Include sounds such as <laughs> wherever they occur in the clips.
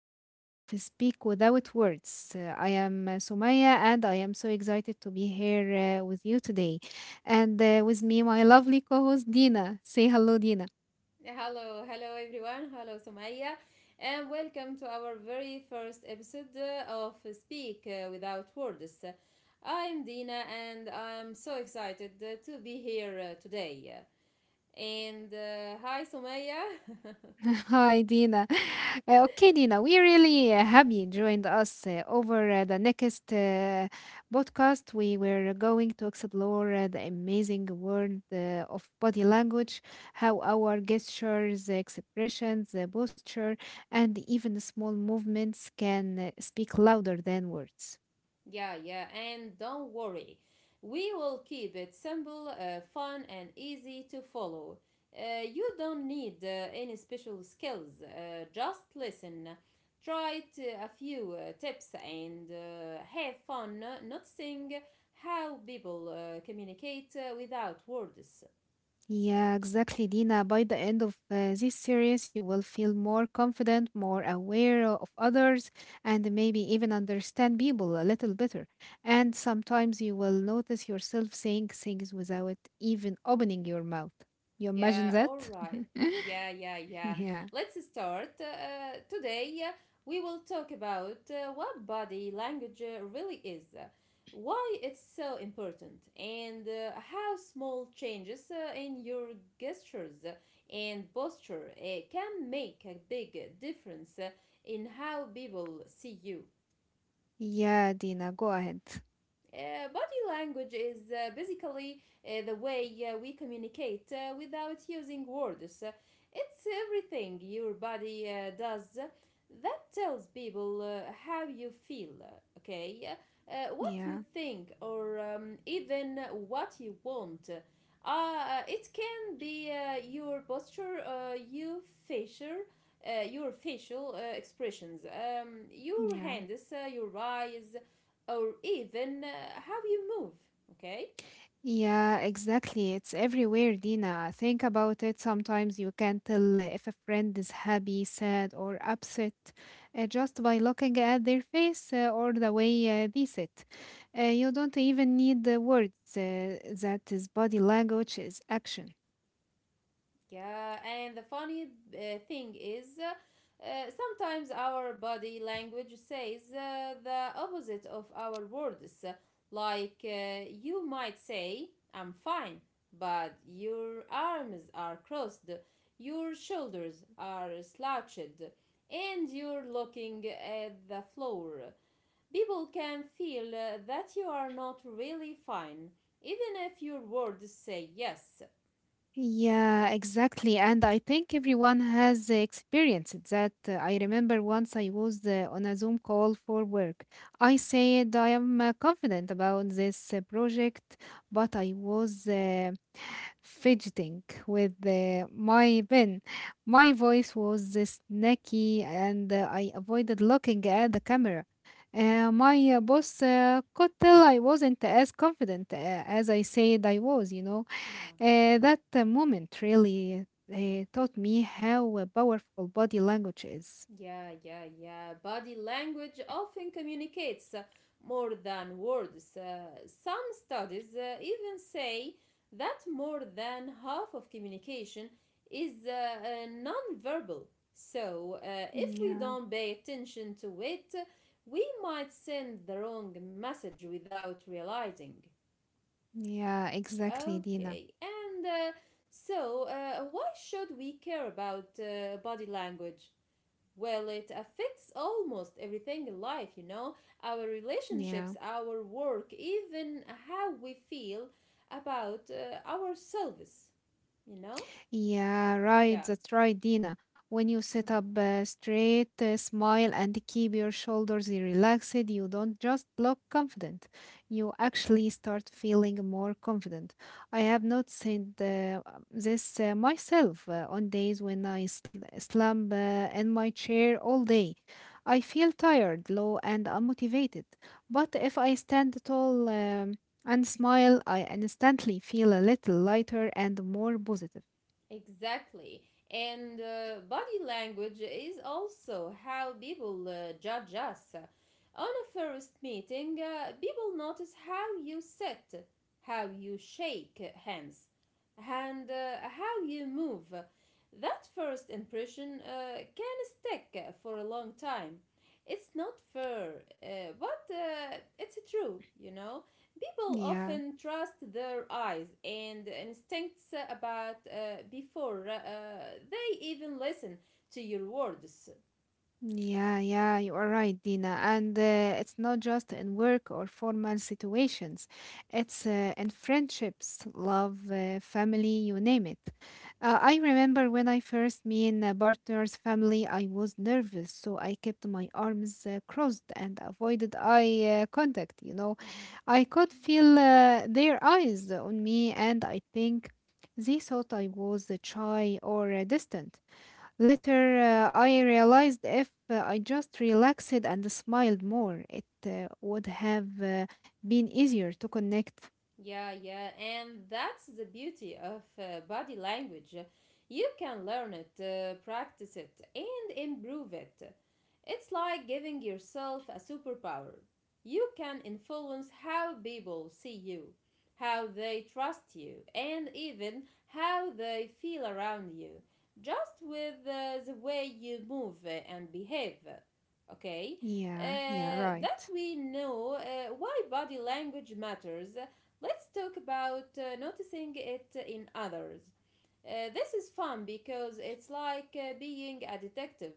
podcast of Speak Without Words. I am Sumaya, and I am so excited to be here with you today. And with me, my lovely co host, Dina. Say hello, Dina. Hello, hello everyone. Hello Sumaya, and welcome to our very first episode of Speak Without Words. I'm Dina, and I'm so excited to be here today. And hi Sumaya. <laughs> Hi, Dina. Okay, Dina, we really happy you joined us over the next podcast. We were going to explore the amazing world of body language, how our gestures, expressions, posture, and even small movements can speak louder than words. Yeah, yeah, and don't worry. We will keep it simple, fun, and easy to follow. You don't need any special skills. Just listen, a few tips, and have fun noticing how people communicate without words. Yeah, exactly, Dina. By the end of this series, you will feel more confident, more aware of others, and maybe even understand people a little better. And sometimes you will notice yourself saying things without even opening your mouth. You imagine Yeah, all that? <laughs> right. Yeah, yeah, yeah. Yeah. Let's start. Today, we will talk about what body language really is, why it's so important, and how small changes in your gestures and posture can make a big difference in how people see you. Yeah, Dina, go ahead. Body language is basically the way we communicate without using words. It's everything your body does that tells people how you feel, okay? What you Yeah. think, or even what you want. It can be your posture, your facial, your facial expressions, your Yeah. hands, your eyes, or even how you move, okay. Yeah, exactly. It's everywhere, Dina. Think about it. Sometimes you can tell if a friend is happy, sad, or upset just by looking at their face or the way they sit. You don't even need the words. That is body language, is action. Yeah, and the funny thing is, sometimes our body language says the opposite of our words, like you might say I'm fine, but your arms are crossed, your shoulders are slouched, and you're looking at the floor. People can feel that you are not really fine, even if your words say yes. Yeah, exactly. And I think everyone has experienced that. I remember once I was on a Zoom call for work. I said I am confident about this project, but I was fidgeting with my pen. My voice was snaky, and I avoided looking at the camera. My boss could tell I wasn't as confident as I said I was, you know. Yeah, That moment really taught me how powerful body language is. yeah, yeah, yeah. Body language often communicates more than words. Some studies even say that more than half of communication is nonverbal. So, if we Yeah, don't pay attention to it, we might send the wrong message without realizing. yeah, exactly, Dina. Okay, and so why should we care about body language? Well, it affects almost everything in life, you know, our Yeah. relationships, our work, even how we feel about ourselves, you know? Yeah, right. Yeah. That's right, Dina. When you sit Mm-hmm. up straight, smile, and keep your shoulders relaxed, you don't just look confident. You actually start feeling more confident. I have noticed this myself on days when I slump in my chair all day. I feel tired, low, and unmotivated. But if I stand tall and smile, I instantly feel a little lighter and more positive. Exactly. And body language is also how people judge us. On a first meeting, people notice how you sit, how you shake hands, and how you move. That first impression can stick for a long time. It's not fair, but it's true, you know. People Yeah, often trust their eyes and instincts about before they even listen to your words. yeah, yeah, you are right, Dina. And it's not just in work or formal situations, it's in friendships, love, family, you name it. I remember when I first met a partner's family, I was nervous, so I kept my arms crossed and avoided eye contact, you know. Mm-hmm. I could feel their eyes on me, and I think they thought I was shy or distant. Later, I realized if I just relaxed and smiled more, it would have been easier to connect. Yeah, yeah, and that's the beauty of body language. You can learn it, practice it, and improve it. It's like giving yourself a superpower. You can influence how people see you, how they trust you, and even how they feel around you, just with the way you move and behave. Okay? Yeah, yeah, That right. we know why body language matters. Let's talk about noticing it in others. This is fun because it's like being a detective.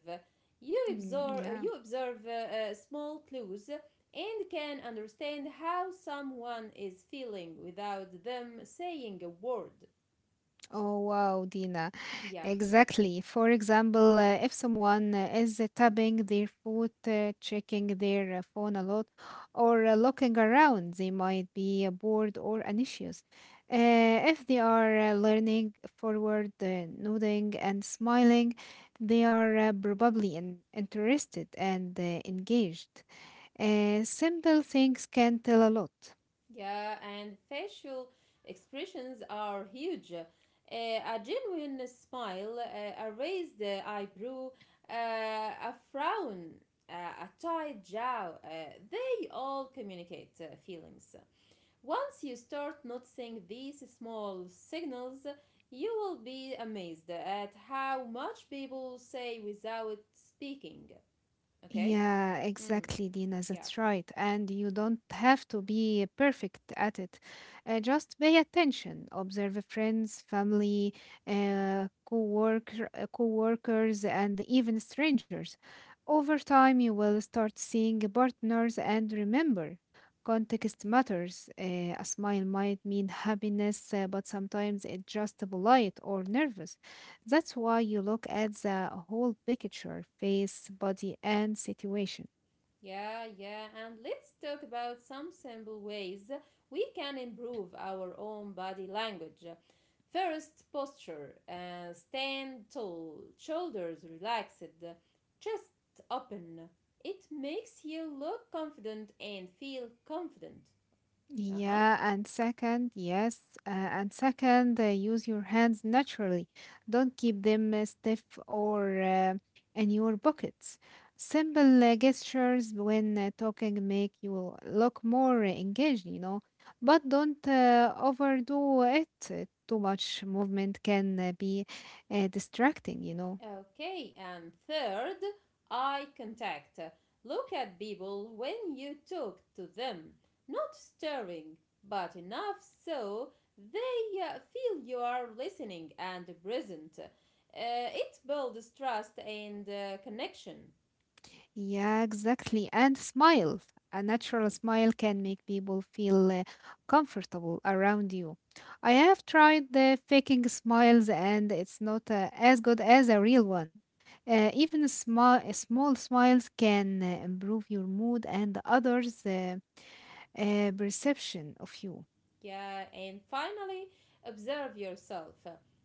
Mm, yeah. You observe small clues and can understand how someone is feeling without them saying a word. Oh wow, Dina. Yeah. Exactly. For example, if someone is tapping their foot, checking their phone a lot, or looking around, they might be bored or anxious. Uh, if they are learning forward, nodding, and smiling, they are probably interested and engaged. Simple things can tell a lot. Yeah, and facial expressions are huge. A genuine smile, a raised eyebrow, uh, a frown, uh, a tight jaw, they all communicate feelings. Once you start noticing these small signals, you will be amazed at how much people say without speaking. Okay? Yeah, Mm, exactly, Dina. yeah. That's right. And you don't have to be perfect at it. Just pay attention. Observe friends, family, co-workers, and even strangers. Over time, you will start seeing partners and remember, context matters. A smile might mean happiness, but sometimes it's just polite or nervous. That's why you look at the whole picture face, body, and situation. Yeah, yeah, and let's talk about some simple ways we can improve our own body language. First, posture. Stand tall, shoulders relaxed, chest open. It makes you look confident and feel confident. Uh huh. Yeah, and second, yes, and second, use your hands naturally. Don't keep them stiff or in your pockets. Simple gestures when talking make you look more engaged, you know, but don't overdo it. Too much movement can be distracting, you know. Okay, and third, eye contact. Look at people when you talk to them. Not staring, but enough so they feel you are listening and present. It builds trust and connection. Yeah, exactly. And smile. A natural smile can make people feel comfortable around you. I have tried the faking smiles, and it's not as good as a real one. Even small smiles can improve your mood and others' perception of you. Yeah, and finally, observe yourself.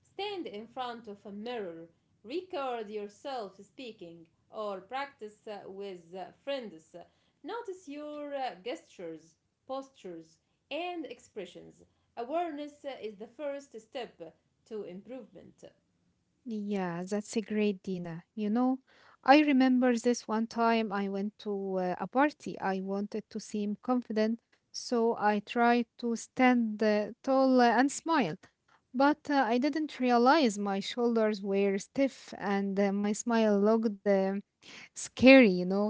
Stand in front of a mirror. Record yourself speaking or practice with friends. Notice your gestures, postures, and expressions. Awareness is the first step to improvement. Yeah, that's a great Dina. You know, I remember this one time I went to a party. I wanted to seem confident, so I tried to stand tall and smile. But I didn't realize my shoulders were stiff and my smile looked scary, you know.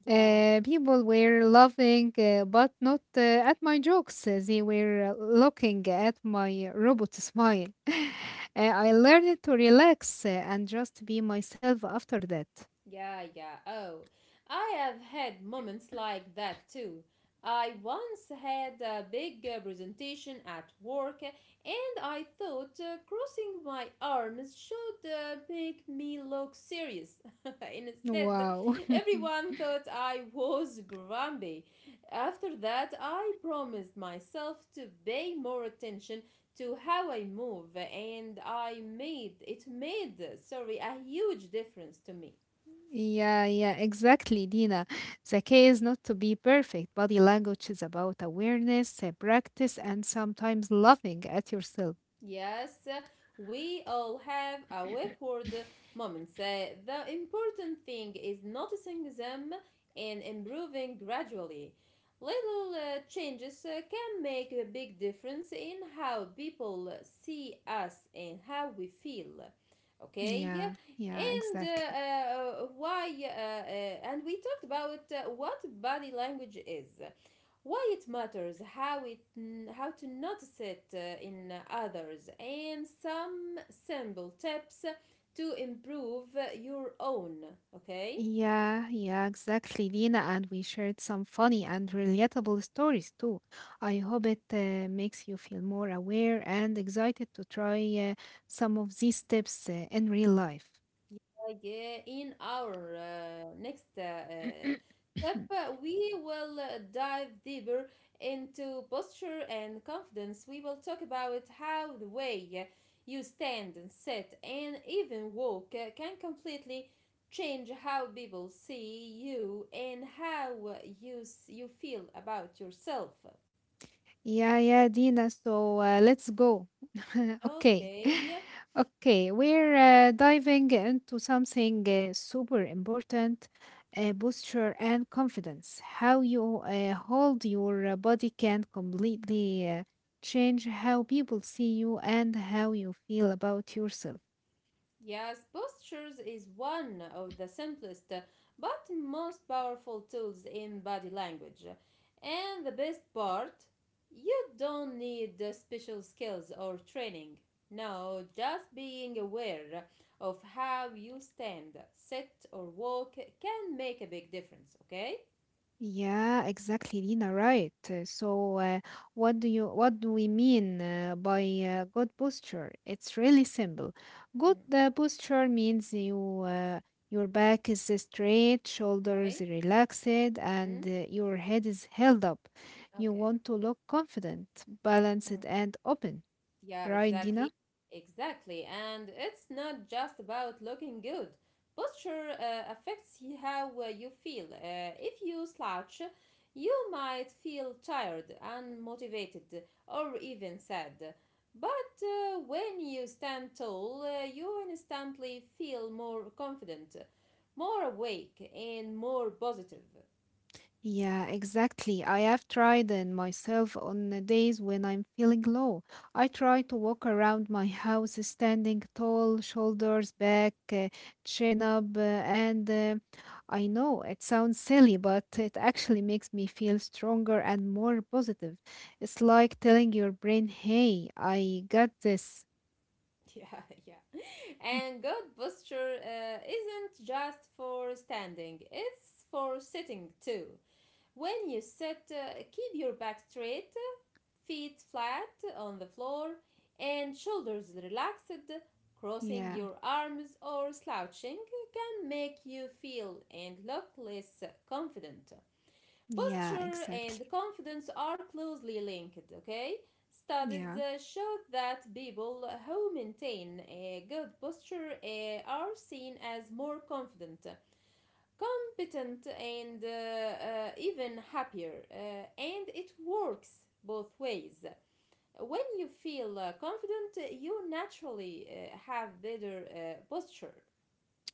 Yeah. People were laughing, but not at my jokes. They were looking at my robot smile. <laughs> I learned to relax and just be myself after that. Yeah, yeah. Oh, I have had moments like that too. I once had a big presentation at work and I thought crossing my arms should make me look serious. <laughs> Instead, Wow. <laughs> everyone thought I was grumpy. After that, I promised myself to pay more attention to how I move and I sorry, a huge difference to me. Yeah, yeah, exactly, Dina. The key is not to be perfect. Body language is about awareness, practice, and sometimes laughing at yourself. Yes, we all have awkward moments. The important thing is noticing them and improving gradually. Little changes can make a big difference in how people see us and how we feel. Okay, Yeah, yeah, and exactly. Why? And we talked about what body language is, why it matters, how to notice it in others, and some simple tips to improve your own. Okay. Yeah, yeah, exactly, Dina. And we shared some funny and relatable stories too. I hope it makes you feel more aware and excited to try uh, some of these tips in real life. Yeah, in our next <clears throat> step, we will dive deeper into posture and confidence. We will talk about how the way you stand and sit and even walk can completely change how people see you and how you feel about yourself. Yeah, yeah, Dina. So let's go. <laughs> Okay. <laughs> Okay. Okay, we're diving into something super important posture and confidence. How you hold your body can completely change how people see you and how you feel about yourself. Yes, postures is one of the simplest but most powerful tools in body language. And the best part, you don't need special skills or training. No, just being aware of how you stand, sit, or walk can make a big difference, okay? Yeah, exactly, Lina, right. So, uh, what do we mean by good posture? It's really simple. Good Mhm. Posture means your back is straight, shoulders Okay? relaxed, and Mm-hmm. Your head is held up. You Okay. want to look confident, balanced, and open, Yeah, right, Dina? exactly. Exactly. And it's not just about looking good. Posture affects how you feel. If you slouch, you might feel tired, unmotivated, or even sad. But when you stand tall, you instantly feel more confident, more awake, and more positive. <laughs> Yeah, exactly. I have tried it myself on the days when I'm feeling low. I try to walk around my house standing tall, shoulders back, chin up, and I know it sounds silly, but it actually makes me feel stronger and more positive. It's like telling your brain, hey, I got this. Yeah, yeah. And good posture isn't just for standing, it's for sitting too. When you sit, keep your back straight, feet flat on the floor, and shoulders relaxed. Crossing Yeah, your arms or slouching can make you feel and look less confident. yeah, Posture exactly. and confidence are closely linked, okay? Studies Yeah. Show that people who maintain a good posture are seen as more confident, competent, and even happier. And it works both ways. When you feel confident, you naturally have better posture.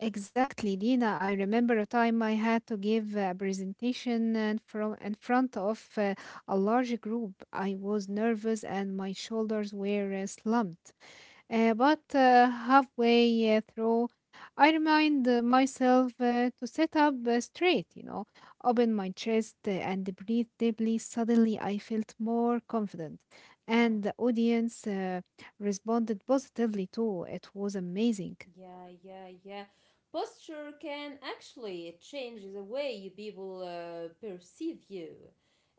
Exactly, Dina. I remember a time I had to give a presentation in front of a large group. I was nervous and my shoulders were slumped. But halfway through, I remind myself to sit up straight, you know, open my chest and breathe deeply. Suddenly, I felt more confident, Yeah. and the audience responded positively too. It was amazing. Yeah, yeah, yeah. Posture can actually change the way you people perceive you.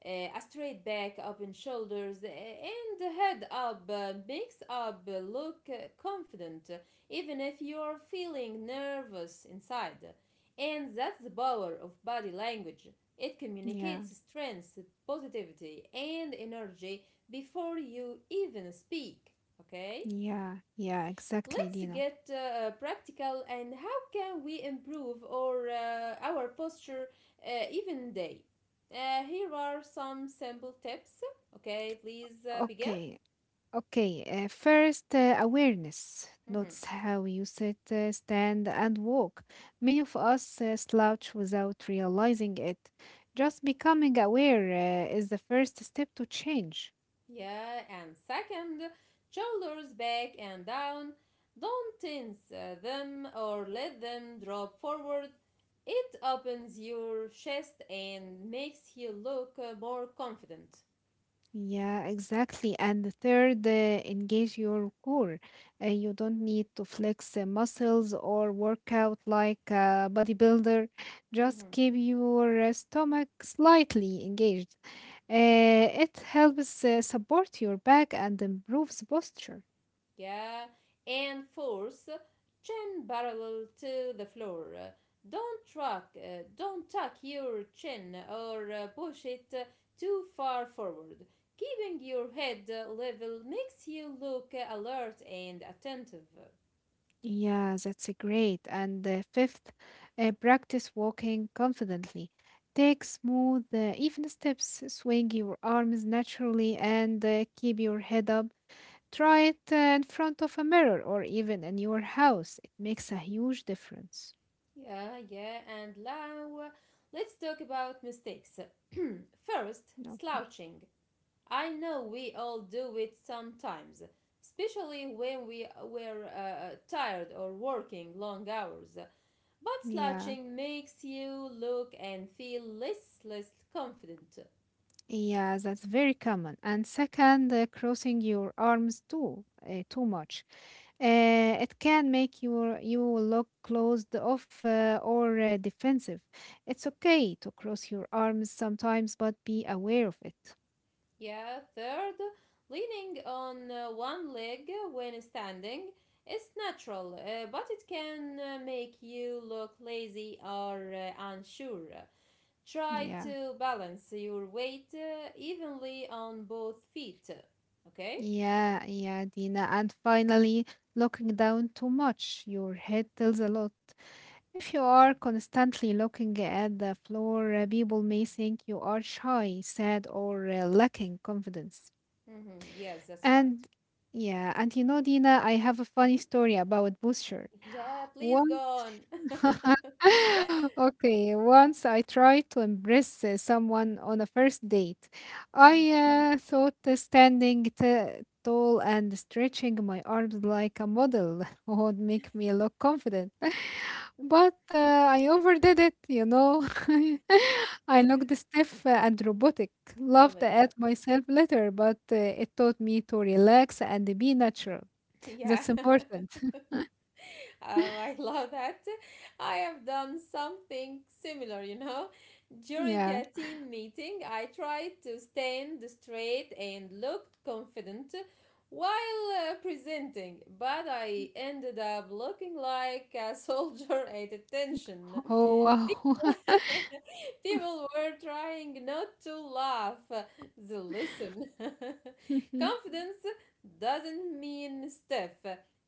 A straight back, open shoulders, and the head up makes up look confident, even if you're feeling nervous inside. And that's the power of body language. It Yeah. communicates strength, positivity, and energy before you even speak. Okay? Yeah, yeah, exactly, Let's Dina. get practical, and how can we improve our posture even day? Here are some simple tips. Okay, please begin. Okay, okay. First, awareness. Mhm. Notice how you sit, stand, and walk. Many of us slouch without realizing it. Just becoming aware is the first step to change. Yeah, and second, shoulders back and down. Don't tense them or let them drop forward. It opens your chest and makes you look more confident. Yeah, exactly. And the third, engage your core. You don't need to flex muscles or work out like a bodybuilder. Just Mhm. keep your stomach slightly engaged. It helps support your back and improves posture. Yeah, and force chin parallel to the floor. Don't tuck your chin or push it too far forward. Keeping your head level makes you look alert and attentive. Yeah, that's great. And fifth, practice walking confidently. Take smooth, even steps, swing your arms naturally, and keep your head up. Try it in front of a mirror or even in your house. It makes a huge difference. Yeah, yeah, and now let's talk about mistakes. <clears throat> First, Okay. slouching. I know we all do it sometimes, especially when we were tired or working long hours. But Yeah, slouching makes you look and feel less confident. yeah, that's very common. And second, crossing your arms too much. It can make you look closed off or defensive. It's okay to cross your arms sometimes, but be aware of it. Yeah, third, leaning on one leg when standing is natural, but it can make you look lazy or unsure. Try Yeah, to balance your weight evenly on both feet. Okay? yeah, yeah, Dina. And finally, looking down too much, your head tells a lot. If you are constantly looking at the floor, people may think you are shy, sad, or lacking confidence. Mm-hmm. Yes, that's right. And yeah, and you know, Dina, I have a funny Hmm. story about posture. Yeah, please go Once on. <laughs> <laughs> Okay, once I tried to impress someone on a first date. Mhm. I thought standing tall and stretching my arms like a model <laughs> would make me look confident. <laughs> But I overdid it, you know. <laughs> I looked stiff and robotic. Oh Laughed my at God. myself later, but it taught me to relax and be natural. Yeah. That's <laughs> important. Oh, I love that. I have done something similar, you know. <laughs> During Yeah. a team meeting, I tried to stand straight and looked confident while presenting, but I ended up looking like a soldier <laughs> at attention. Oh, wow. <laughs> People were trying not to laugh. They listen. <laughs> <laughs> Confidence doesn't mean stiff,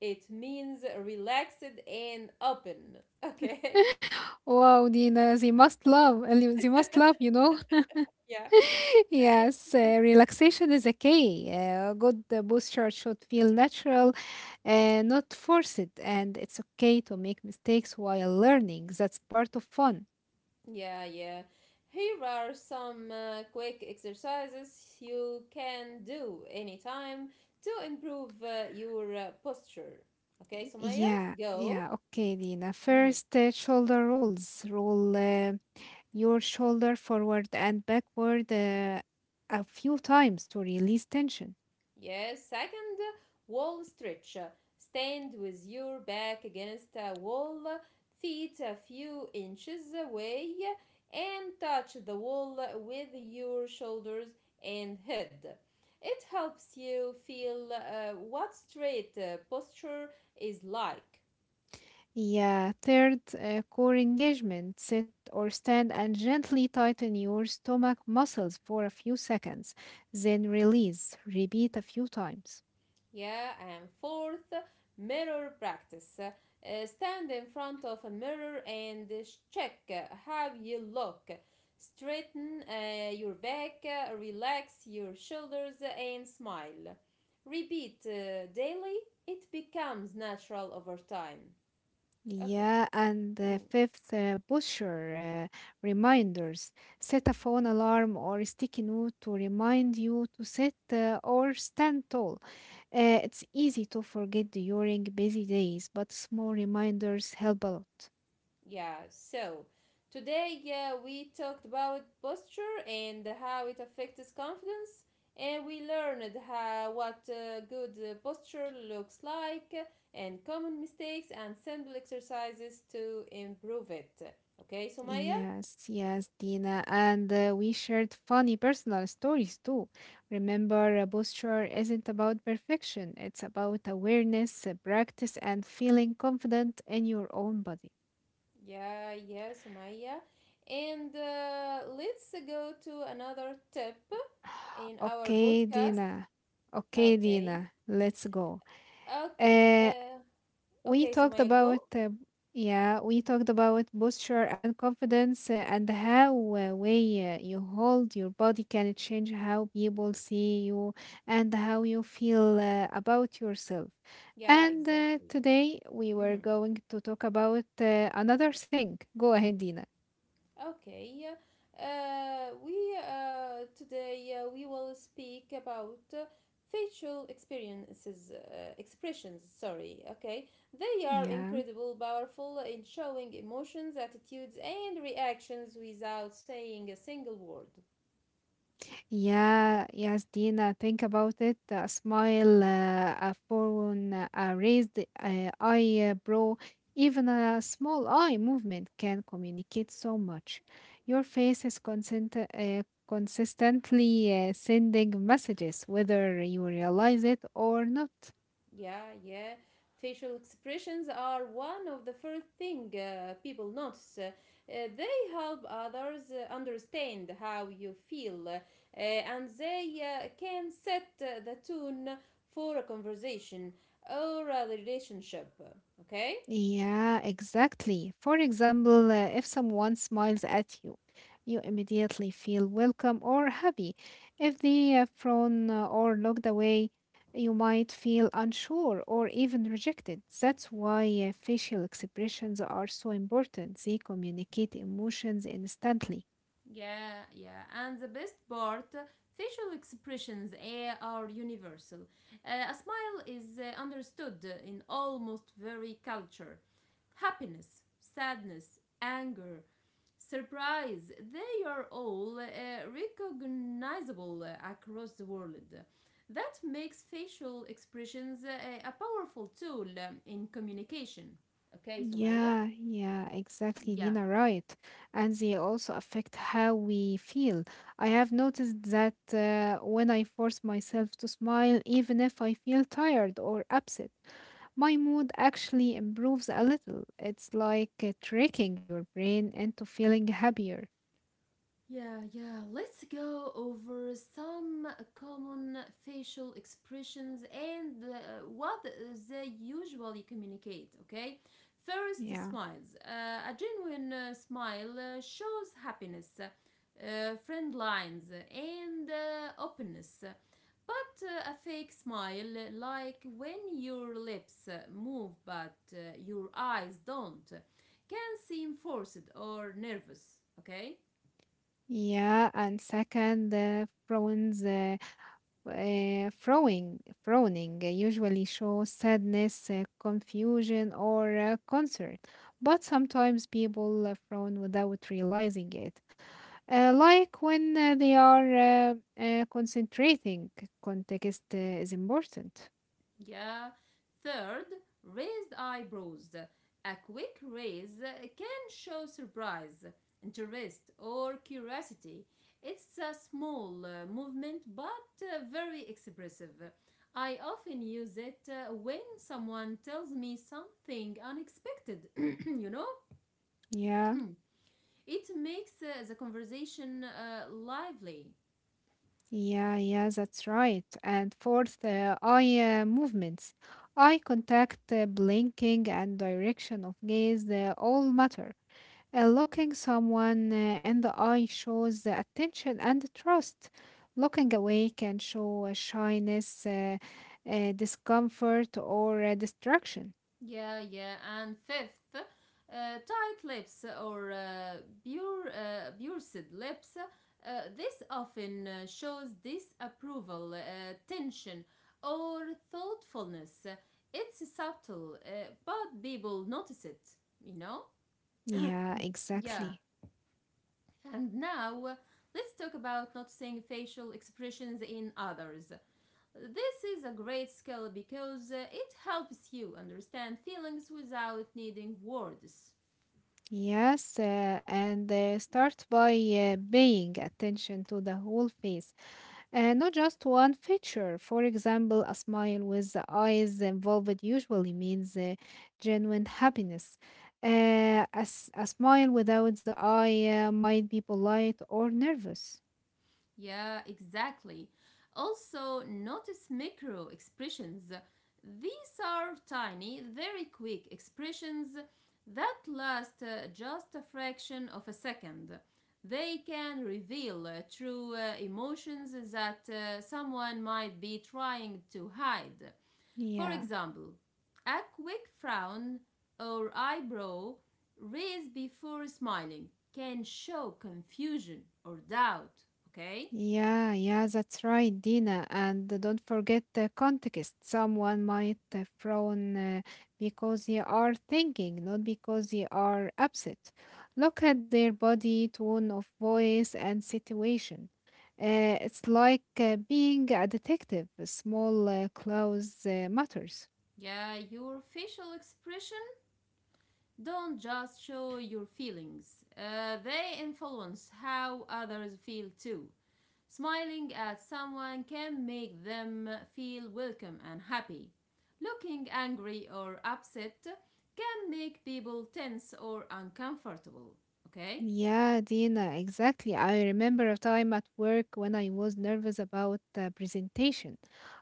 it means relaxed and open. Okay? <laughs> Wow, Dina, they must love. And you- They must love, you know. <laughs> Yeah. <laughs> Yes, relaxation is a key. Good posture should feel natural, not forced, and it's okay to make mistakes while learning. That's part of fun. Yeah, yeah. Here are some quick exercises you can do anytime to improve your posture. Okay, Sumaya, Yeah, go. yeah, okay, Dina. Mhm. First, shoulder rolls. Roll your shoulder forward and backward a few times to release tension. Yes, second, wall stretch. Stand with your back against a wall, feet a few inches away, and touch the wall with your shoulders and head. It helps you feel what straight posture is like. Yeah, third, core engagement. Sit or stand and gently tighten your stomach muscles for a few seconds, then release. Repeat a few times. Yeah, and fourth, mirror practice. Stand in front of a mirror and check how you look. Straighten your back, relax your shoulders, and smile. Repeat daily, it becomes natural over time. Okay. Yeah, and the Mm. fifth posture reminders. Set a phone alarm or sticky note to remind you to sit or stand tall. It's easy to forget during busy days, but small reminders help a lot. Yeah, so today we talked about posture and how it affects confidence, and we learned how what good posture looks like and common mistakes and simple exercises to improve it. Okay, Sumaya? Yes, yes, Dina. And we shared funny personal stories too. Remember, posture isn't about perfection, it's about awareness, practice, and feeling confident in your own body. Yeah, yeah, Sumaya. And let's go to another tip in our Okay, podcast. Dina. Okay, Okay, Dina. Let's go. okay, Uh, we okay, talked Sumaya, about go. Posture and confidence and how way you hold your body can change how people see you and how you feel about yourself. Yeah, And exactly. today we were Mhm. going to talk about another thing. Go ahead, Dina. Okay, yeah. We Today we will speak about expressions. Sorry. Okay, they are Yeah. incredible, powerful in showing emotions, attitudes, and reactions without saying a single word. Yeah, yes, Dina, think about it. A smile, a frown, a raised eyebrow, even a small eye movement can communicate so much. Your face is consistently sending messages, whether you realize it or not. Yeah, yeah. Facial expressions are one of the first thing people notice. They help others understand how you feel, and they can set the tone for a conversation or a relationship. Okay? Yeah, exactly. For example, if someone smiles at you, you immediately feel welcome or happy. If they frown or looked away, you might feel unsure or even rejected. That's why facial expressions are so important. They communicate emotions instantly. Yeah, yeah. And the best part, facial expressions are universal. A smile is understood in almost every culture. Happiness, sadness, anger, surprise, they are all recognizable across the world. That makes facial expressions a powerful tool in communication. Okay, Sumaya? Yeah, yeah, exactly, Yeah. Dina, right. And they also affect how we feel. I have noticed that when I force myself to smile, even if I feel tired or upset, my mood actually improves a little. It's like tricking your brain into feeling happier. Yeah, yeah. Let's go over some common facial expressions and what they usually communicate, okay? First, Yeah. smiles. A genuine smile shows happiness, friend lines, and openness. But a fake smile, like when your lips move but your eyes don't, can seem forced or nervous, okay? Yeah, and second, phones. Frowning usually shows sadness, confusion, or concern, but sometimes people frown without realizing it, like when they are concentrating. Context is important. Yeah. Third, raised eyebrows. A quick raise can show surprise, interest, or curiosity. It's a small movement but very expressive. I often use it when someone tells me something unexpected, <clears throat> you know? Yeah. <clears throat> It makes the conversation lively. Yeah, yeah, that's right. And fourth, eye movements, eye contact, blinking, and direction of gaze they all matter. Looking someone in the eye shows the attention and trust. Looking away can show shyness, discomfort, or distraction. Yeah, yeah. And fifth, tight lips or pursed lips. This often shows disapproval, tension, or thoughtfulness. It's subtle, but people notice it, you know? Yeah, Yeah. exactly. And now let's talk about noticing facial expressions in others. This is a great skill because it helps you understand feelings without needing words. Yes, and start by paying attention to the whole face. Not just one feature. For example, a smile with the eyes involved usually means genuine happiness. A smile without the eye might be polite or nervous. Yeah, exactly. Also, notice micro expressions. These are tiny, very quick expressions that last just a fraction of a second. They can reveal true emotions that someone might be trying to hide. For Yeah. example, a quick frown or eyebrow raised before smiling can show confusion or doubt, okay? Yeah, yeah, that's right, Dina. And don't forget the context. Someone might frown because they are thinking, not because they are upset. Look at their body, tone of voice, and situation. It's like being a detective. Small clues matters. Yeah, your facial expression don't just show your feelings, they influence how others feel too. Smiling at someone can make them feel welcome and happy. Looking angry or upset can make people tense or uncomfortable, okay? Yeah, Dina, exactly. I remember a time at work when I was nervous about the presentation.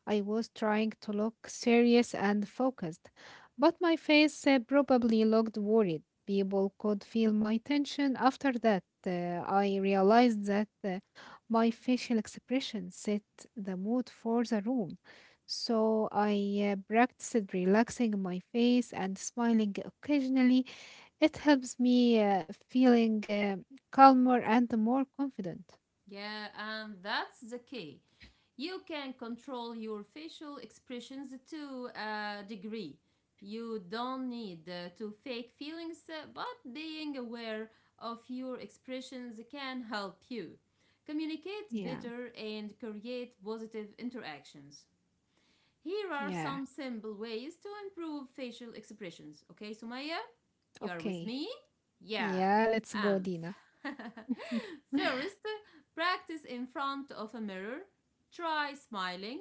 I was trying to look serious and focused, but my face probably looked worried. People could feel my tension. After that, I realized that my facial expression set the mood for the room. So I practiced relaxing my face and smiling occasionally it helps me feeling calmer and more confident. Yeah, and that's the key. You can control your facial expressions to a degree. You don't need to fake feelings, but being aware of your expressions can help you communicate Yeah, better and create positive interactions. Here are yeah. some simple ways to improve facial expressions. Okay, Sumaya, you are with Okay. me? Yeah. Yeah, let's go, Um, Dina. <laughs> <laughs> first, practice in front of a mirror. Try smiling,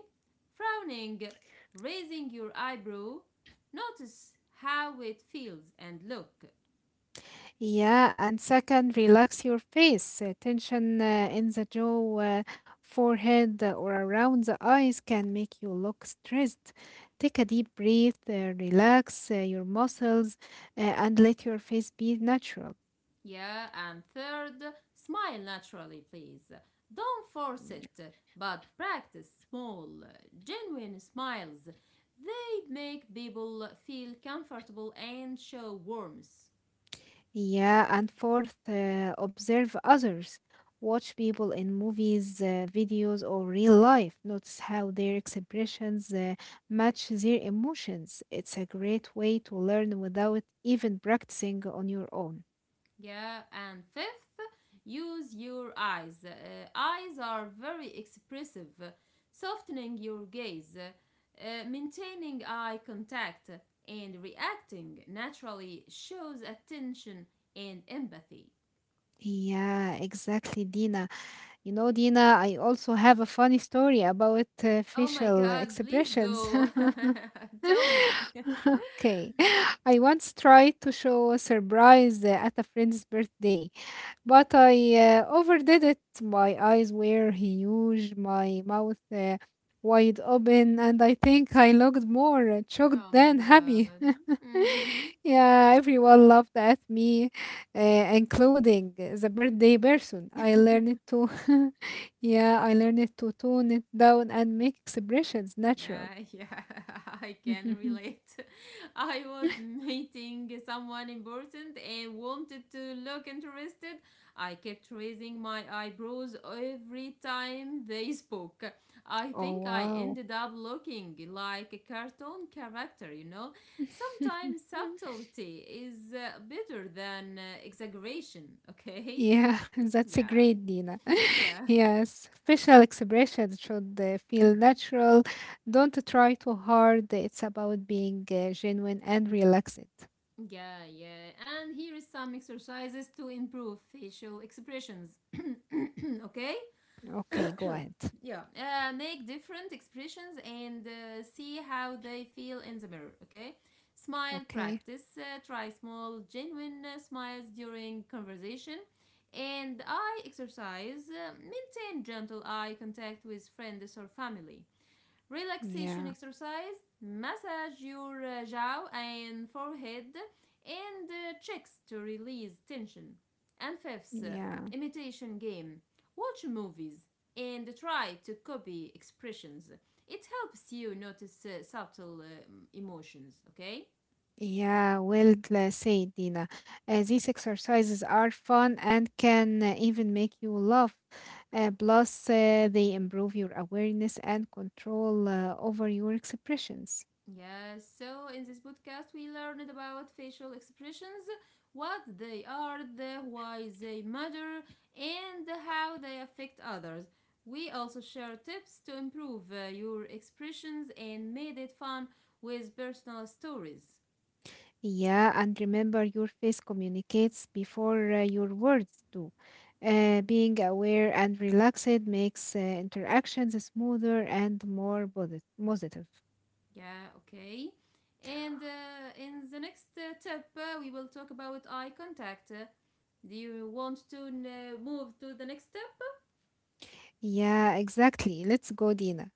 frowning, raising your eyebrow. Notice how it feels and look. Yeah, and second, relax your face. Tension in the jaw, forehead, or around the eyes can make you look stressed. Take a deep breath, relax your muscles, and let your face be natural. Yeah, and third, smile naturally, please. Don't force it, but practice small, genuine smiles make people feel comfortable and show warmth. Yeah, and fourth, observe others. Watch people in movies, videos, or real life. Notice how their expressions match their emotions. It's a great way to learn without even practicing on your own. Yeah, and fifth, use your eyes. Eyes are very expressive, softening your gaze, maintaining eye contact, and reacting naturally shows attention and empathy. Yeah, exactly, Dina. You know, Dina, I also have a funny story about Oh my facial god, please expressions. <laughs> go. <laughs> Tell me. <laughs> <laughs> Okay. <laughs> I once tried to show a surprise at a friend's birthday, but I overdid it. My eyes were huge, my mouth wide open, and I think I looked more shocked Oh my than happy. god. <laughs> Mhm. Yeah, everyone laughed at me, uh, including the birthday person. I <laughs> learned to, <laughs> yeah, I learned to tone it down and make expressions natural. Yeah, yeah, <laughs> I can <laughs> relate. <laughs> I was meeting someone important and wanted to look interested. I kept raising my eyebrows every time they spoke. I Oh, think I wow. ended up looking like a cartoon character, you know? Sometimes <laughs> subtlety is better than exaggeration, okay? Yeah, <laughs> that's a Yeah, great, Dina. <laughs> yeah. Yes, facial expressions should feel natural. Don't try too hard. It's about being genuine and relaxed. Yeah, yeah. And here is some exercises to improve facial expressions. <coughs> <clears throat> okay? Okay, go ahead. Yeah. Make different expressions and see how they feel in the mirror. Okay? Smile Okay. practice. Try small, genuine smiles during conversation. And eye exercise. Maintain gentle eye contact with friends or family. Relaxation Yeah, exercise, massage your jaw and forehead and cheeks to release tension. And fifth, yeah. imitation game. Watch movies and try to copy expressions. It helps you notice subtle emotions, okay? Yeah, well, said, Dina. These exercises are fun and can even make you laugh. Plus, they improve your awareness and control over your expressions. Yes, so in this podcast, we learned about facial expressions, what they are, why they matter, and how they affect others. We also share tips to improve your expressions and made it fun with personal stories. Yeah, and remember your face communicates before your words do. Being aware and relaxed makes interactions smoother and more positive. Yeah, okay. And in the next tip, we will talk about eye contact. Do you want to move to the next step? Yeah, exactly. Let's go, Dina.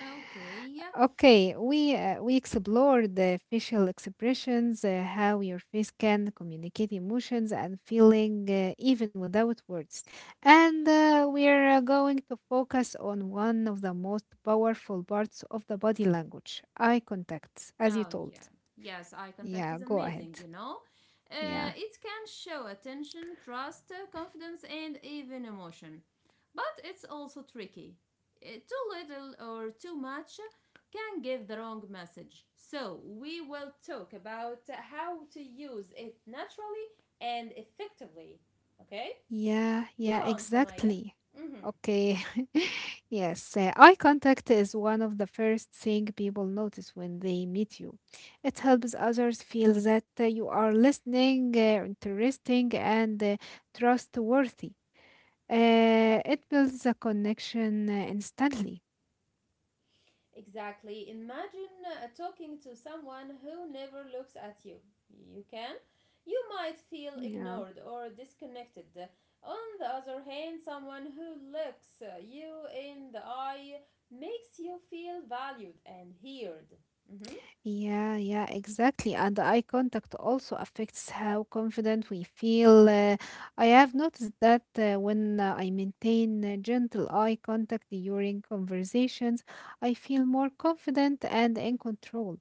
Okay. Okay, we explored the facial expressions, how your face can communicate emotions and feeling even without words. And we're going to focus on one of the most powerful parts of the body language, eye contact, as you Oh, told. yeah. Yes, eye contact Yeah, is go ahead. amazing, you know? Yeah. It can show attention, trust, confidence, and even emotion. But it's also tricky. Too little or too much can give the wrong message. So, we will talk about how to use it naturally and effectively. Okay? Yeah, yeah, Go on, Somaya. exactly. Mm-hmm. Okay. <laughs> Yes, eye contact is one of the first thing people notice when they meet you. It helps others feel that you are listening, interesting, and trustworthy. It builds a connection instantly. Exactly. Imagine talking to someone who never looks at you. You can. You might feel Yeah. ignored or disconnected. On the other hand, someone who looks you in the eye makes you feel valued and heard. Mhm. Yeah, yeah, exactly. And the eye contact also affects how confident we feel. I have noticed that when I maintain gentle eye contact during conversations, I feel more confident and in control.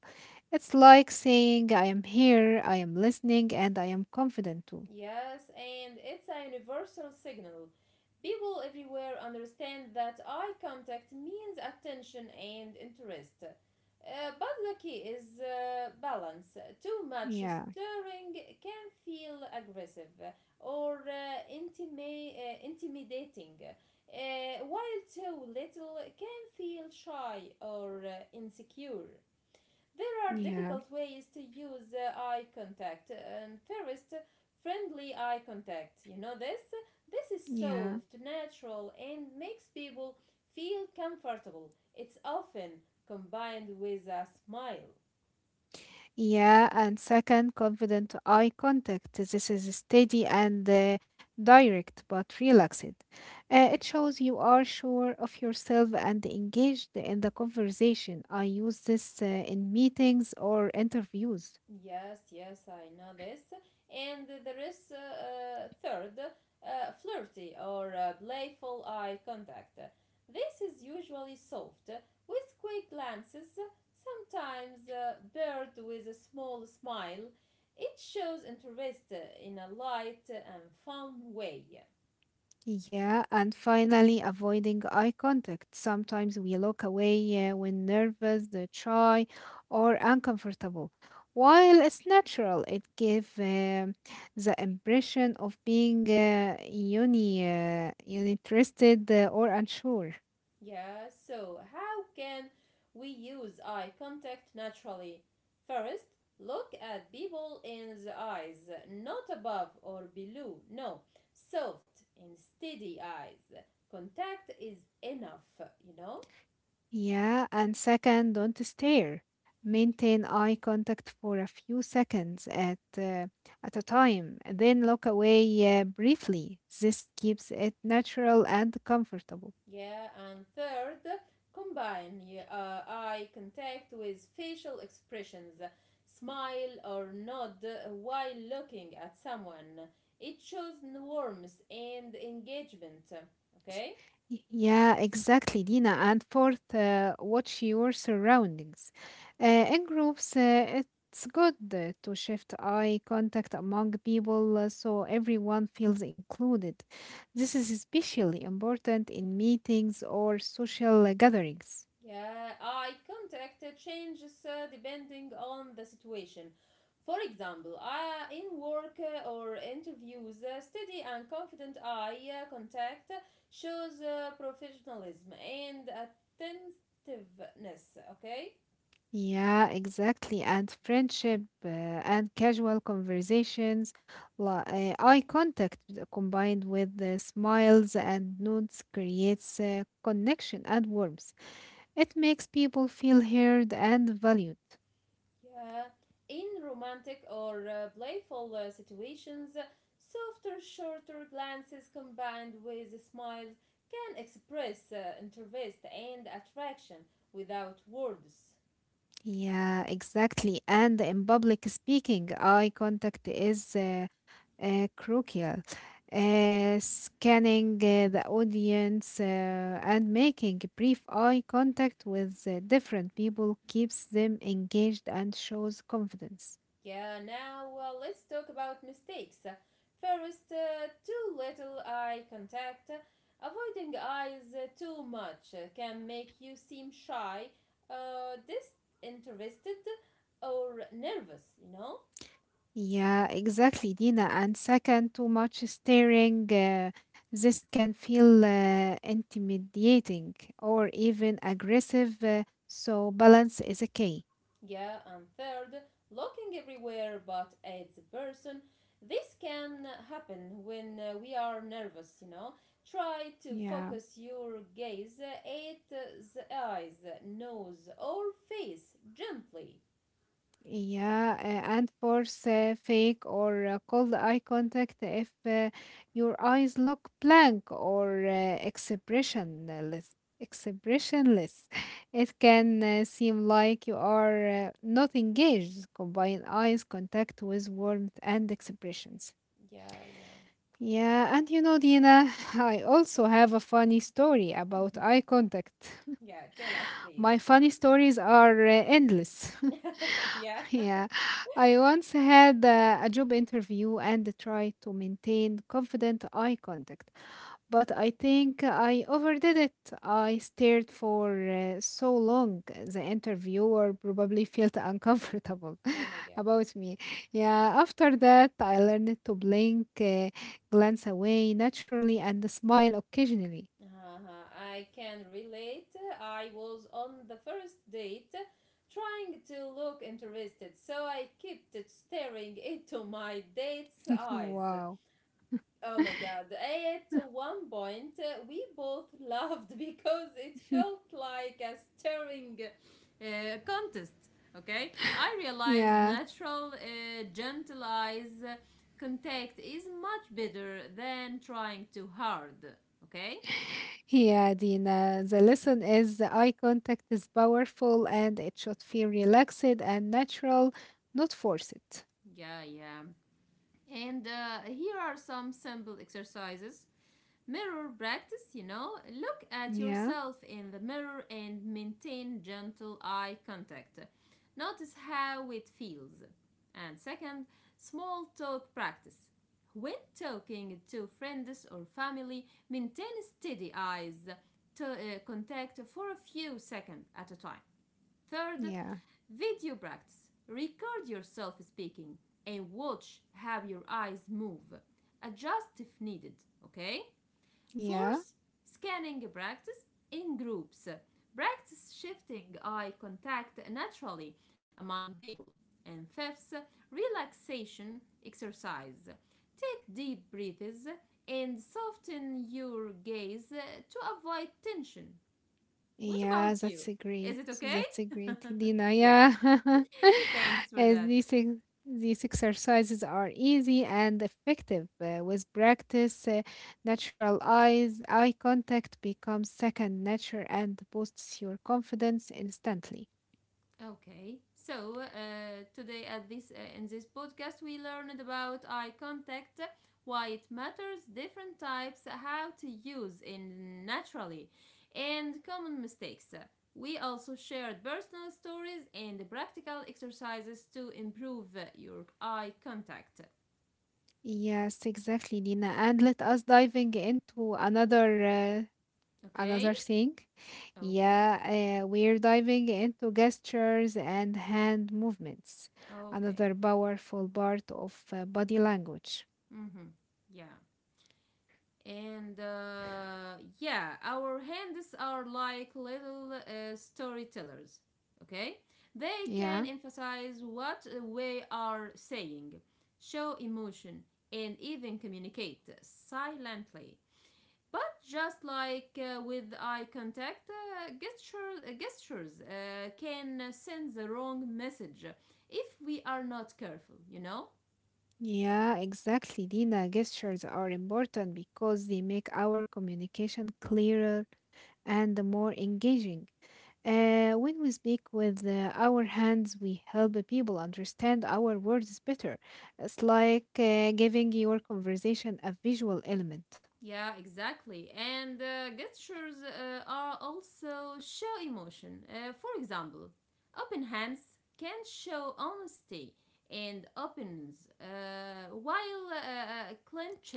It's like saying, I am here, I am listening, and I am confident too. Yes, and it's a universal signal. People everywhere understand that eye contact means attention and interest. But the key is balance. Too much Yeah, stirring can feel aggressive or intimidating, while too little can feel shy or insecure. There are yeah, difficult ways to use eye contact. And first, friendly eye contact. You know this? This is yeah. soft, natural, and makes people feel comfortable. It's often combined with a smile. Yeah, and second, confident eye contact. This is steady and direct, but relaxed. It shows you are sure of yourself and engaged in the conversation. I use this in meetings or interviews. Yes, yes, I know this. And there is third, flirty or playful eye contact. This is usually soft, with quick glances, sometimes paired with a small smile. It shows interest in a light and fun way. Yeah, and finally, avoiding eye contact. Sometimes we look away when nervous, shy, or uncomfortable. While it's natural, it gives the impression of being uninterested or unsure. Yeah, so how can we use eye contact naturally? First, look at people in the eyes, not above or below. No, soft and steady eyes. Contact is enough, you know? Yeah, and second, don't stare. Maintain eye contact for a few seconds at a time, and then look away briefly. This keeps it natural and comfortable. Yeah, and third, combine eye contact with facial expressions, smile or nod while looking at someone. It shows warmth and engagement. Okay? Yeah, exactly, Dina. And fourth, watch your surroundings. Uh, in groups, it's good to shift eye contact among people so everyone feels included. This is especially important in meetings or social gatherings. Yeah, eye contact changes depending on the situation. For example, in work or interviews, steady and confident eye contact shows professionalism and attentiveness, okay? Yeah, exactly. And friendship and casual conversations, eye contact combined with the smiles and nods creates connection and warmth. It makes people feel heard and valued. Yeah, in romantic or playful situations, softer, shorter glances combined with smiles can express interest and attraction without words. Yeah, exactly. And in public speaking, eye contact is crucial. Scanning the audience and making brief eye contact with different people keeps them engaged and shows confidence. Yeah, now let's talk about mistakes. First, too little eye contact. Avoiding eyes too much can make you seem shy, disinterested, or nervous, you know? Yeah, exactly, Dina. And second, too much staring, this can feel intimidating or even aggressive, so balance is a key. Yeah, and third, looking everywhere but at the person. This can happen when we are nervous, you know. Try to Yeah. focus your gaze at the eyes, nose, or face gently. Yeah, and force fake or cold eye contact if your eyes look blank or expressionless. Expressionless. <laughs> It can seem like you are not engaged. Combine eyes contact with warmth and expressions. Yeah, yeah. Yeah, and you know, Dina, <laughs> I also have a funny story about eye contact. Yeah, tell us, <laughs> My please. funny stories are endless. <laughs> <laughs> yeah. Yeah, I once had a job interview and tried to maintain confident eye contact, but I think I overdid it. I stared for so long, the interviewer probably felt uncomfortable Oh my <laughs> god. about me. Yeah, after that, I learned to blink, glance away naturally, and smile occasionally. Uh-huh. I can relate. I was on the first date trying to look interested, so I kept staring into my date's eyes. Wow. Oh my god. <laughs> At one point, we both <laughs> laughed because it felt like a staring contest. Okay? I realized Yeah. natural, gentle eyes contact is much better than trying too hard. Okay? Yeah, Dina, the lesson is the eye contact is powerful and it should feel relaxed and natural, not forced. Yeah, yeah. And here are some simple exercises. Mirror practice, you know. Look at Yeah, yourself in the mirror and maintain gentle eye contact. Notice how it feels. And second, small talk practice. When talking to friends or family, maintain steady eyes to contact for a few seconds at a time. Third, yeah, video practice. Record yourself speaking and watch how your eyes move. Adjust if needed, okay? yeah, Fourth, scanning practice in groups. Practice shifting eye contact naturally among people. And fifth, relaxation exercise. Take deep breaths and soften your gaze to avoid tension. What yeah, about you? Is it okay? that's a great, Dina. Yeah. Yeah, <laughs> Thanks for and that. these exercises are easy and effective. With practice, natural eye contact becomes second nature and boosts your confidence instantly. Okay, so today at this in this podcast we learned about eye contact, why it matters, different types, how to use it naturally, and common mistakes. We also shared personal stories and practical exercises to improve your eye contact. Yes, exactly, Lina. And let us diving into another Okay, thing. okay, Yeah, we're diving into gestures and hand movements, okay. another powerful part of body language. Mm-hmm. Yeah. And yeah, our hands are like little storytellers. Okay, they can Yeah, emphasize what we are saying, show emotion, and even communicate silently. But just like with eye contact, gestures can send the wrong message if we are not careful, you know. yeah, exactly, Dina. Gestures are important because they make our communication clearer and more engaging. When we speak with our hands, we help the people understand our words better. It's like giving your conversation a visual element. Yeah, exactly. And gestures are also show emotion. For example, open hands can show honesty and openness, while clenched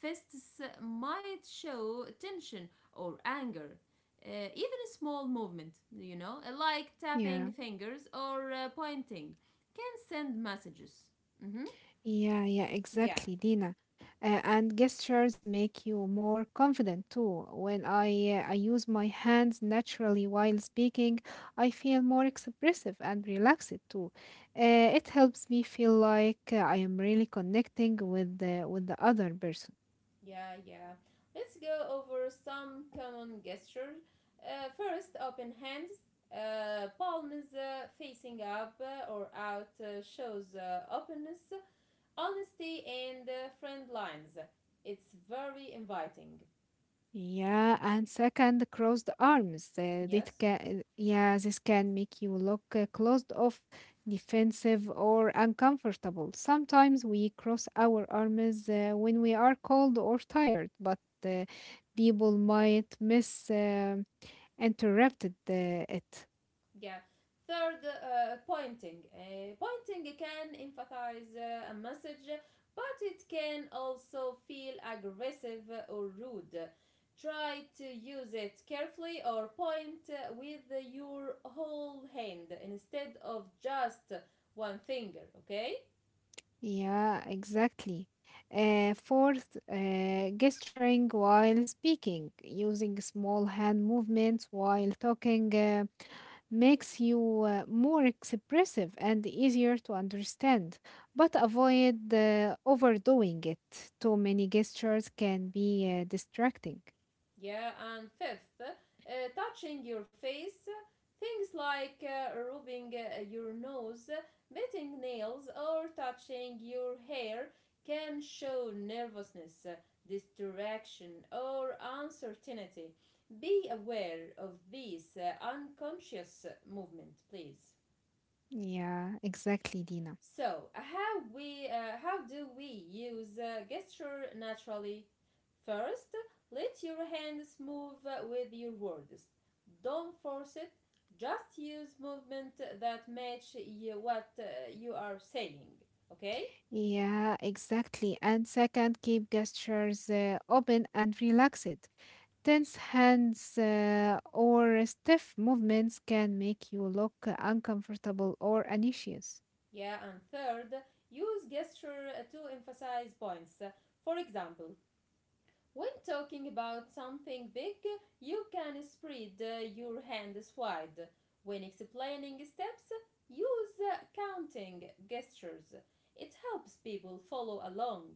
fists might show tension or anger. Uh, Even a small movement, you know, like Yeah. tapping fingers or pointing, can send messages. Hmm. Yeah, yeah, Yeah. exactly, Dina. And gestures make you more confident too. When I use my hands naturally while speaking, I feel more expressive and relaxed too. Uh, it helps me feel like I am really connecting with the other person. Yeah, yeah. Let's go over some common gestures. First, open hands. Palms facing up or out shows openness, honesty, and friend lines. It's very inviting. Yeah, and second, crossed arms. Yes. This can make you look closed off, defensive, or uncomfortable. Sometimes we cross our arms when we are cold or tired, but uh, people might miss interrupted it. Yeah, third, pointing can emphasize a message, but it can also feel aggressive or rude. Try to use it carefully, or point with your whole hand instead of just one finger, okay? Yeah, exactly. Fourth, gesturing while speaking, using small hand movements while talking makes you more expressive and easier to understand, but avoid overdoing it. Too many gestures can be distracting. Yeah, and fifth, touching your face. Things like rubbing your nose, biting nails, or touching your hair can show nervousness, distraction, or uncertainty. Be aware of these unconscious movements, please. Yeah, exactly, Dina. So, how do we use gesture naturally? First, let your hands move with your words. Don't force it. Just use movement that match you what you are saying. Okay? Yeah, exactly. And second, keep gestures open and relaxed. Tense hands or stiff movements can make you look uncomfortable or anxious. Yeah, and third, use gesture to emphasize points. For example, when talking about something big, you can spread your hands wide. When explaining steps, use counting gestures. It helps people follow along.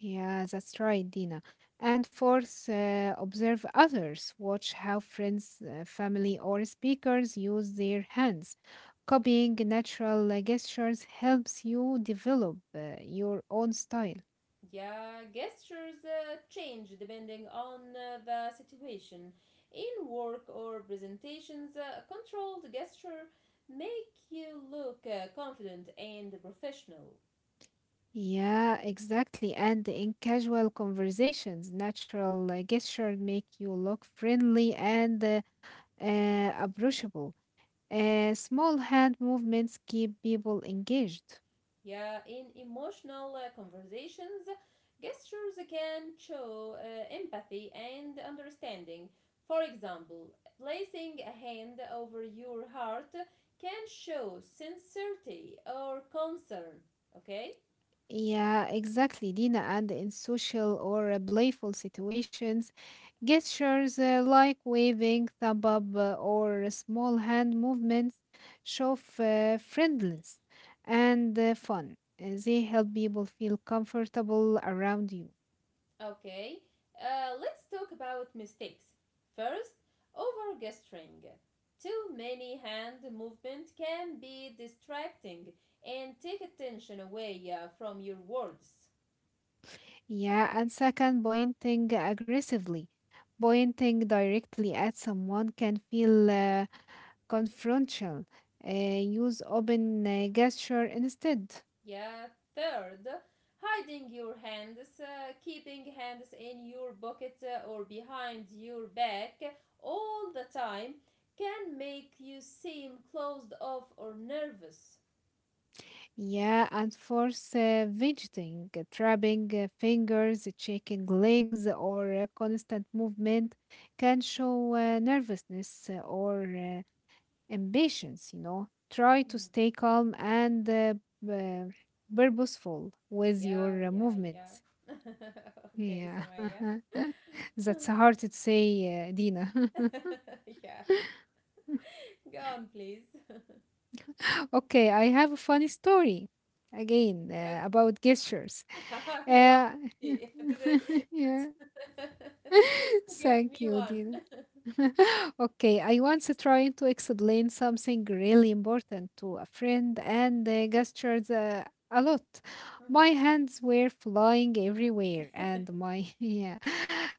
Yeah, that's right, Dina. And fourth, observe others. Watch how friends, family, or speakers use their hands. Copying natural gestures helps you develop your own style. Yeah, gestures change depending on the situation. In work or presentations, a controlled gesture make you look confident and professional. Yeah, exactly. And in casual conversations, natural gestures make you look friendly and approachable. Small hand movements keep people engaged. Yeah, in emotional conversations, gestures can show empathy and understanding. For example, placing a hand over your heart can show sincerity or concern. Okay? Yeah, exactly, Dina. And in social or playful situations, gestures like waving, thumb up, or small hand movements show friendliness and fun. They help people feel comfortable around you. Okay. Let's talk about mistakes. First, over gesturing. Too many hand movement can be distracting and take attention away from your words. Yeah, and second, pointing aggressively. Pointing directly at someone can feel confrontational. Use open gesture instead. Yeah, third, hiding your hands, keeping hands in your pocket or behind your back all the time can make you seem closed off or nervous. Yeah, and force fidgeting, trapping fingers, shaking legs, or constant movement can show nervousness or impatience. You know. Try to Mhm. stay calm and uh, purposeful with Yeah, your yeah, yeah. movements. <laughs> Okay, Yeah, Somaya. <laughs> that's hard to say, Dina. <laughs> <laughs> Yeah, go on, please. Okay, I have a funny story again Okay, about gestures. <laughs> I love Uh, it. <laughs> To <laughs> yeah. the- <laughs> <laughs> Give Thank me you, one. Dina. <laughs> Okay, I once tried to explain something really important to a friend and gestured a lot. My <laughs> hands were flying everywhere, and my <laughs> yeah,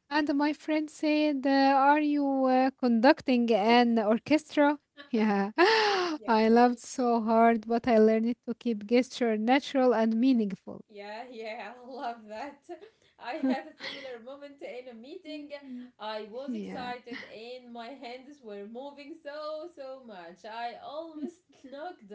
and my friend said, "Are you conducting an orchestra?" <laughs> Yeah, <gasps> <laughs> Yeah. I laughed so hard, but I learned to keep gesture natural and meaningful. Yeah, yeah, <laughs> I love that. <laughs> I had a similar moment in a meeting. Mm. <laughs> I was Yeah. excited and my hands were moving so, so much. I almost <laughs> knocked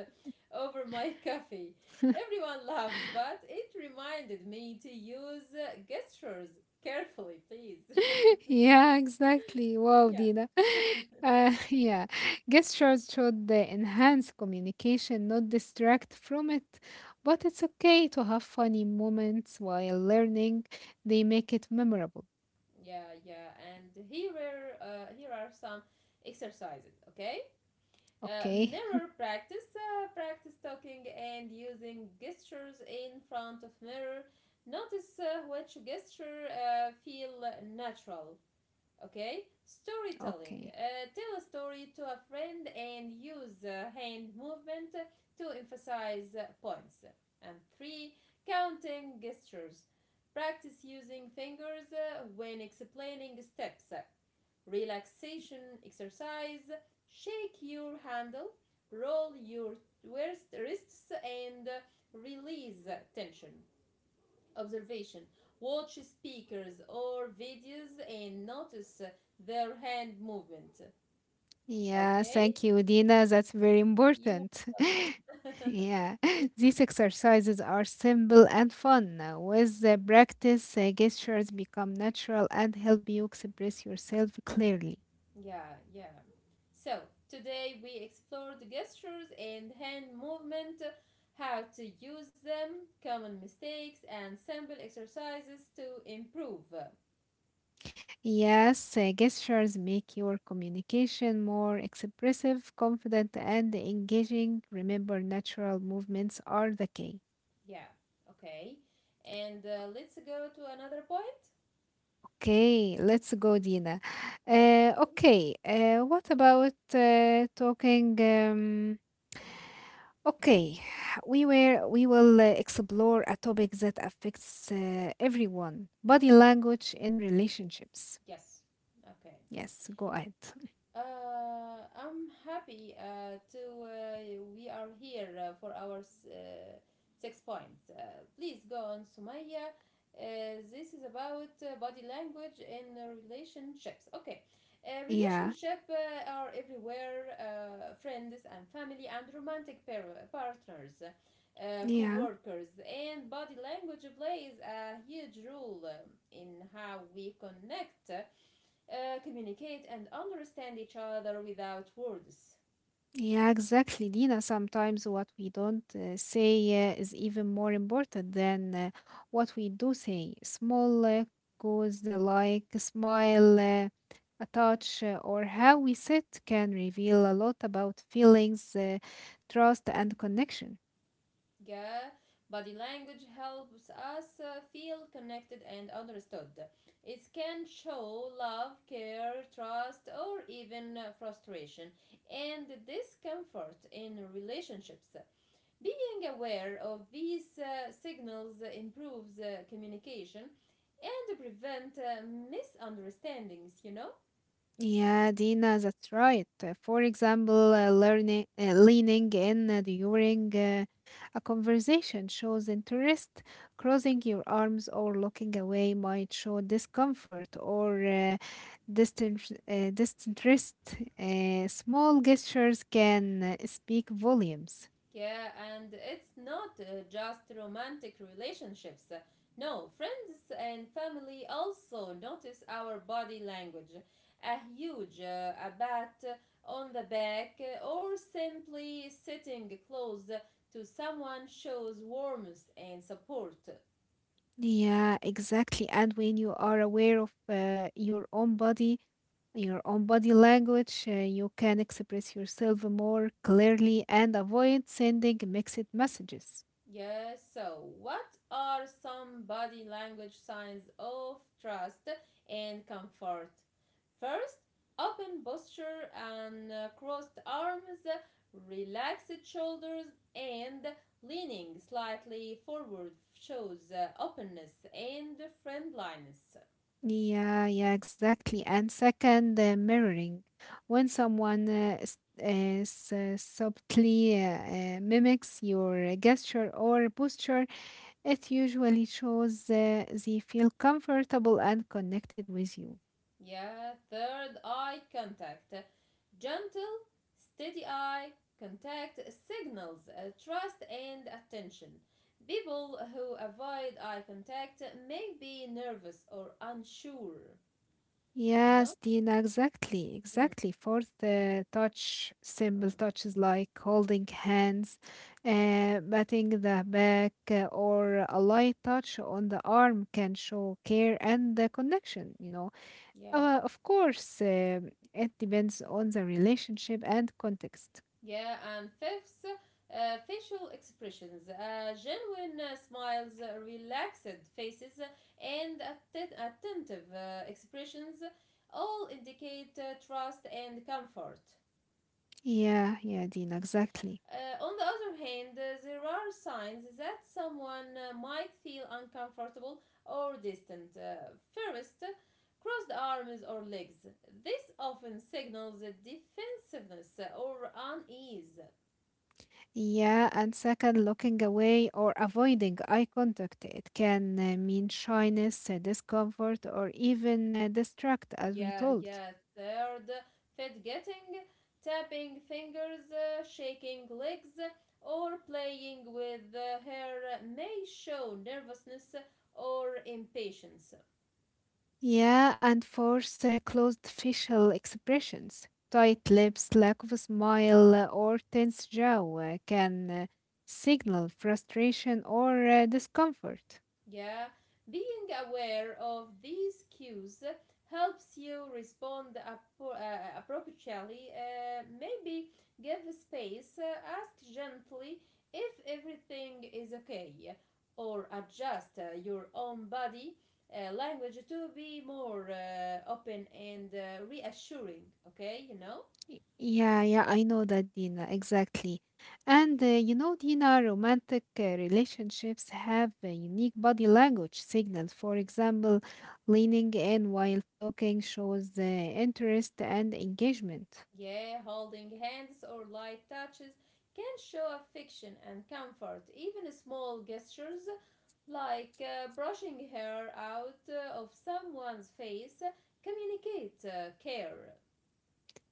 over my <laughs> coffee. Everyone laughed, but it reminded me to use gestures carefully, please. <laughs> <laughs> Yeah, exactly. Wow, Yeah, Dina. <laughs> Yeah, gestures should enhance communication, not distract from it. But it's okay to have funny moments while learning, they make it memorable. yeah, yeah. And here are some exercises, okay? Okay, Mirror practice, practice talking and using gestures in front of mirror, notice which gesture feel natural. Okay, storytelling, okay. Tell a story to a friend and use hand movement to emphasize points. And three, counting gestures, practice using fingers when explaining steps. Relaxation exercise, shake your handle, roll your wrists and release tension. Observation. Watch speakers or videos and notice their hand movement. Yeah, Okay? thank you, Dina. That's very You important. are <laughs> welcome. Yeah, <laughs> these exercises are simple and fun. With the practice, gestures become natural and help you express yourself clearly. <laughs> Yeah, yeah. So, today we explored gestures and hand movement, how to use them, common mistakes, and simple exercises to improve. Yes, gestures make your communication more expressive, confident, and engaging. Remember, natural movements are the key. Yeah, okay. And let's go to another point. Okay, let's go, Dina. Okay. Okay, what about talking? Okay, <sighs> we were we will explore a topic that affects everyone: body language in relationships. Yes. Okay. Yes, go ahead. <laughs> I'm happy to we are here for our six points. Please go on, Sumaya. This is about body language in relationships. Okay, Yeah, relationship are everywhere. Friends and family and romantic partners, yeah. co-workers, and body language plays a huge role in how we connect communicate and understand each other without words. Yeah, exactly, Dina. Sometimes what we don't say is even more important than what we do say. Small goes the like a smile, a touch, or how we sit can reveal a lot about feelings, trust, and connection. Yeah, body language helps us feel connected and understood. It can show love, care, trust, or even frustration and discomfort in relationships. Being aware of these signals improves communication and prevent misunderstandings, you know? Yeah, Dina, that's right. For example, leaning in during a conversation shows interest. Crossing your arms or looking away might show discomfort or disinterest. Small gestures can speak volumes. Yeah, and it's not just romantic relationships. No, friends and family also notice our body language. A huge a bat on the back or simply sitting close to someone shows warmth and support. Yeah, exactly. And when you are aware of your own body language, you can express yourself more clearly and avoid sending mixed messages. Yes, so what are some body language signs of trust and comfort? First, open posture and crossed arms, relaxed shoulders, and leaning slightly forward shows openness and friendliness. Yeah, yeah, exactly. And second, mirroring. When someone subtly mimics your gesture or posture, it usually shows they feel comfortable and connected with you. Yeah, third, eye contact. Gentle, steady eye contact signals trust and attention. People who avoid eye contact may be nervous or unsure, you know? Yes, Dina, exactly, Mhm, exactly. Fourth touch, simple mhm. touches like holding hands, patting the back, or a light touch on the arm can show care and the connection. Yeah. Of course, it depends on the relationship and context. Yeah, and fifth, facial expressions, genuine smiles, relaxed faces, and attentive expressions all indicate trust and comfort. Yeah, yeah, Dina, exactly. On the other hand, there are signs that someone might feel uncomfortable or distant. First, crossed arms or legs. This often signals defensiveness or unease. Yeah, and second, looking away or avoiding eye contact. It can mean shyness, discomfort, or even distract, as we Yeah, told. yeah. Third, fit getting, tapping fingers, shaking legs, or playing with her may show nervousness or impatience. Yeah, and fourth, closed facial expressions. Tight lips, lack of a smile, or tense jaw can signal frustration or discomfort. Yeah, being aware of these cues helps you respond appropriately. Maybe give space, ask gently if everything is okay, or adjust your own body language to be more open and reassuring. Okay, you know? Yeah, yeah, I know that, Dina, exactly. And you know, Dina, romantic relationships have a unique body language signals. For example, leaning in while talking shows interest and engagement. Yeah, holding hands or light touches can show affection and comfort. Even small gestures like brushing hair out of someone's face, communicate care.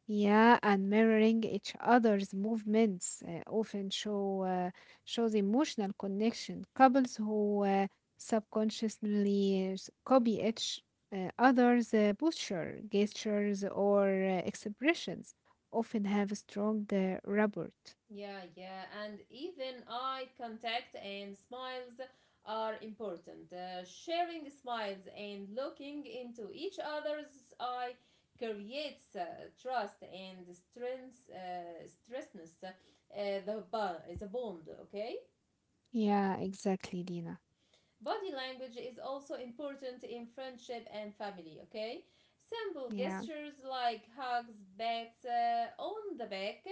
Yeah, and mirroring each other's movements often show shows emotional connection. Couples who subconsciously copy each other's posture, gestures, or expressions often have a strong rapport. Yeah, yeah, and even eye contact and smiles are important. Sharing smiles and looking into each other's eye creates trust and strengths, stressness, bond, the bond, okay? Yeah, exactly, Dina. Body language is also important in friendship and family, okay? Simple Yeah. gestures like hugs, pats on the back,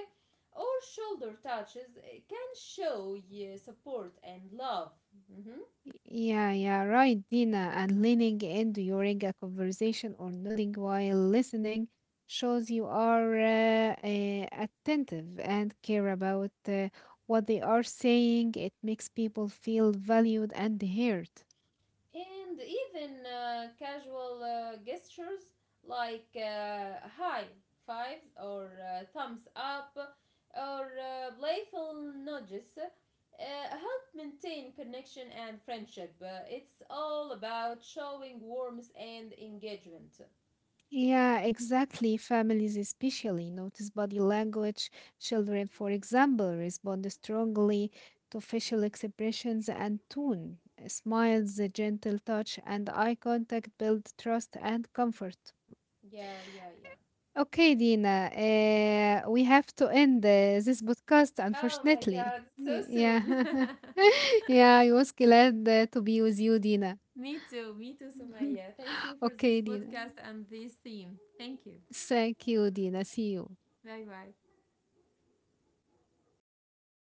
or shoulder touches can show support and love. Mhm. Yeah, yeah, right, Dina. And leaning in during a conversation or nodding while listening shows you are attentive and care about what they are saying. It makes people feel valued and heard. And even casual gestures like high fives or thumbs up or playful nudges help maintain connection and friendship. It's all about showing warmth and engagement. Yeah, exactly. Families especially notice body language. Children, for example, respond strongly to facial expressions and tone. Smiles, a gentle touch, and eye contact build trust and comfort. Yeah, yeah, yeah. Okay, Dina, we have to end this podcast, Oh my unfortunately. god, so soon. Yeah. <laughs> Yeah, I was glad to be with you, Dina. <laughs> Me too, me too, <laughs> Sumaya. Thank you for this Okay, Dina. podcast and this theme. Thank you. Thank you, Dina. See you. Bye bye.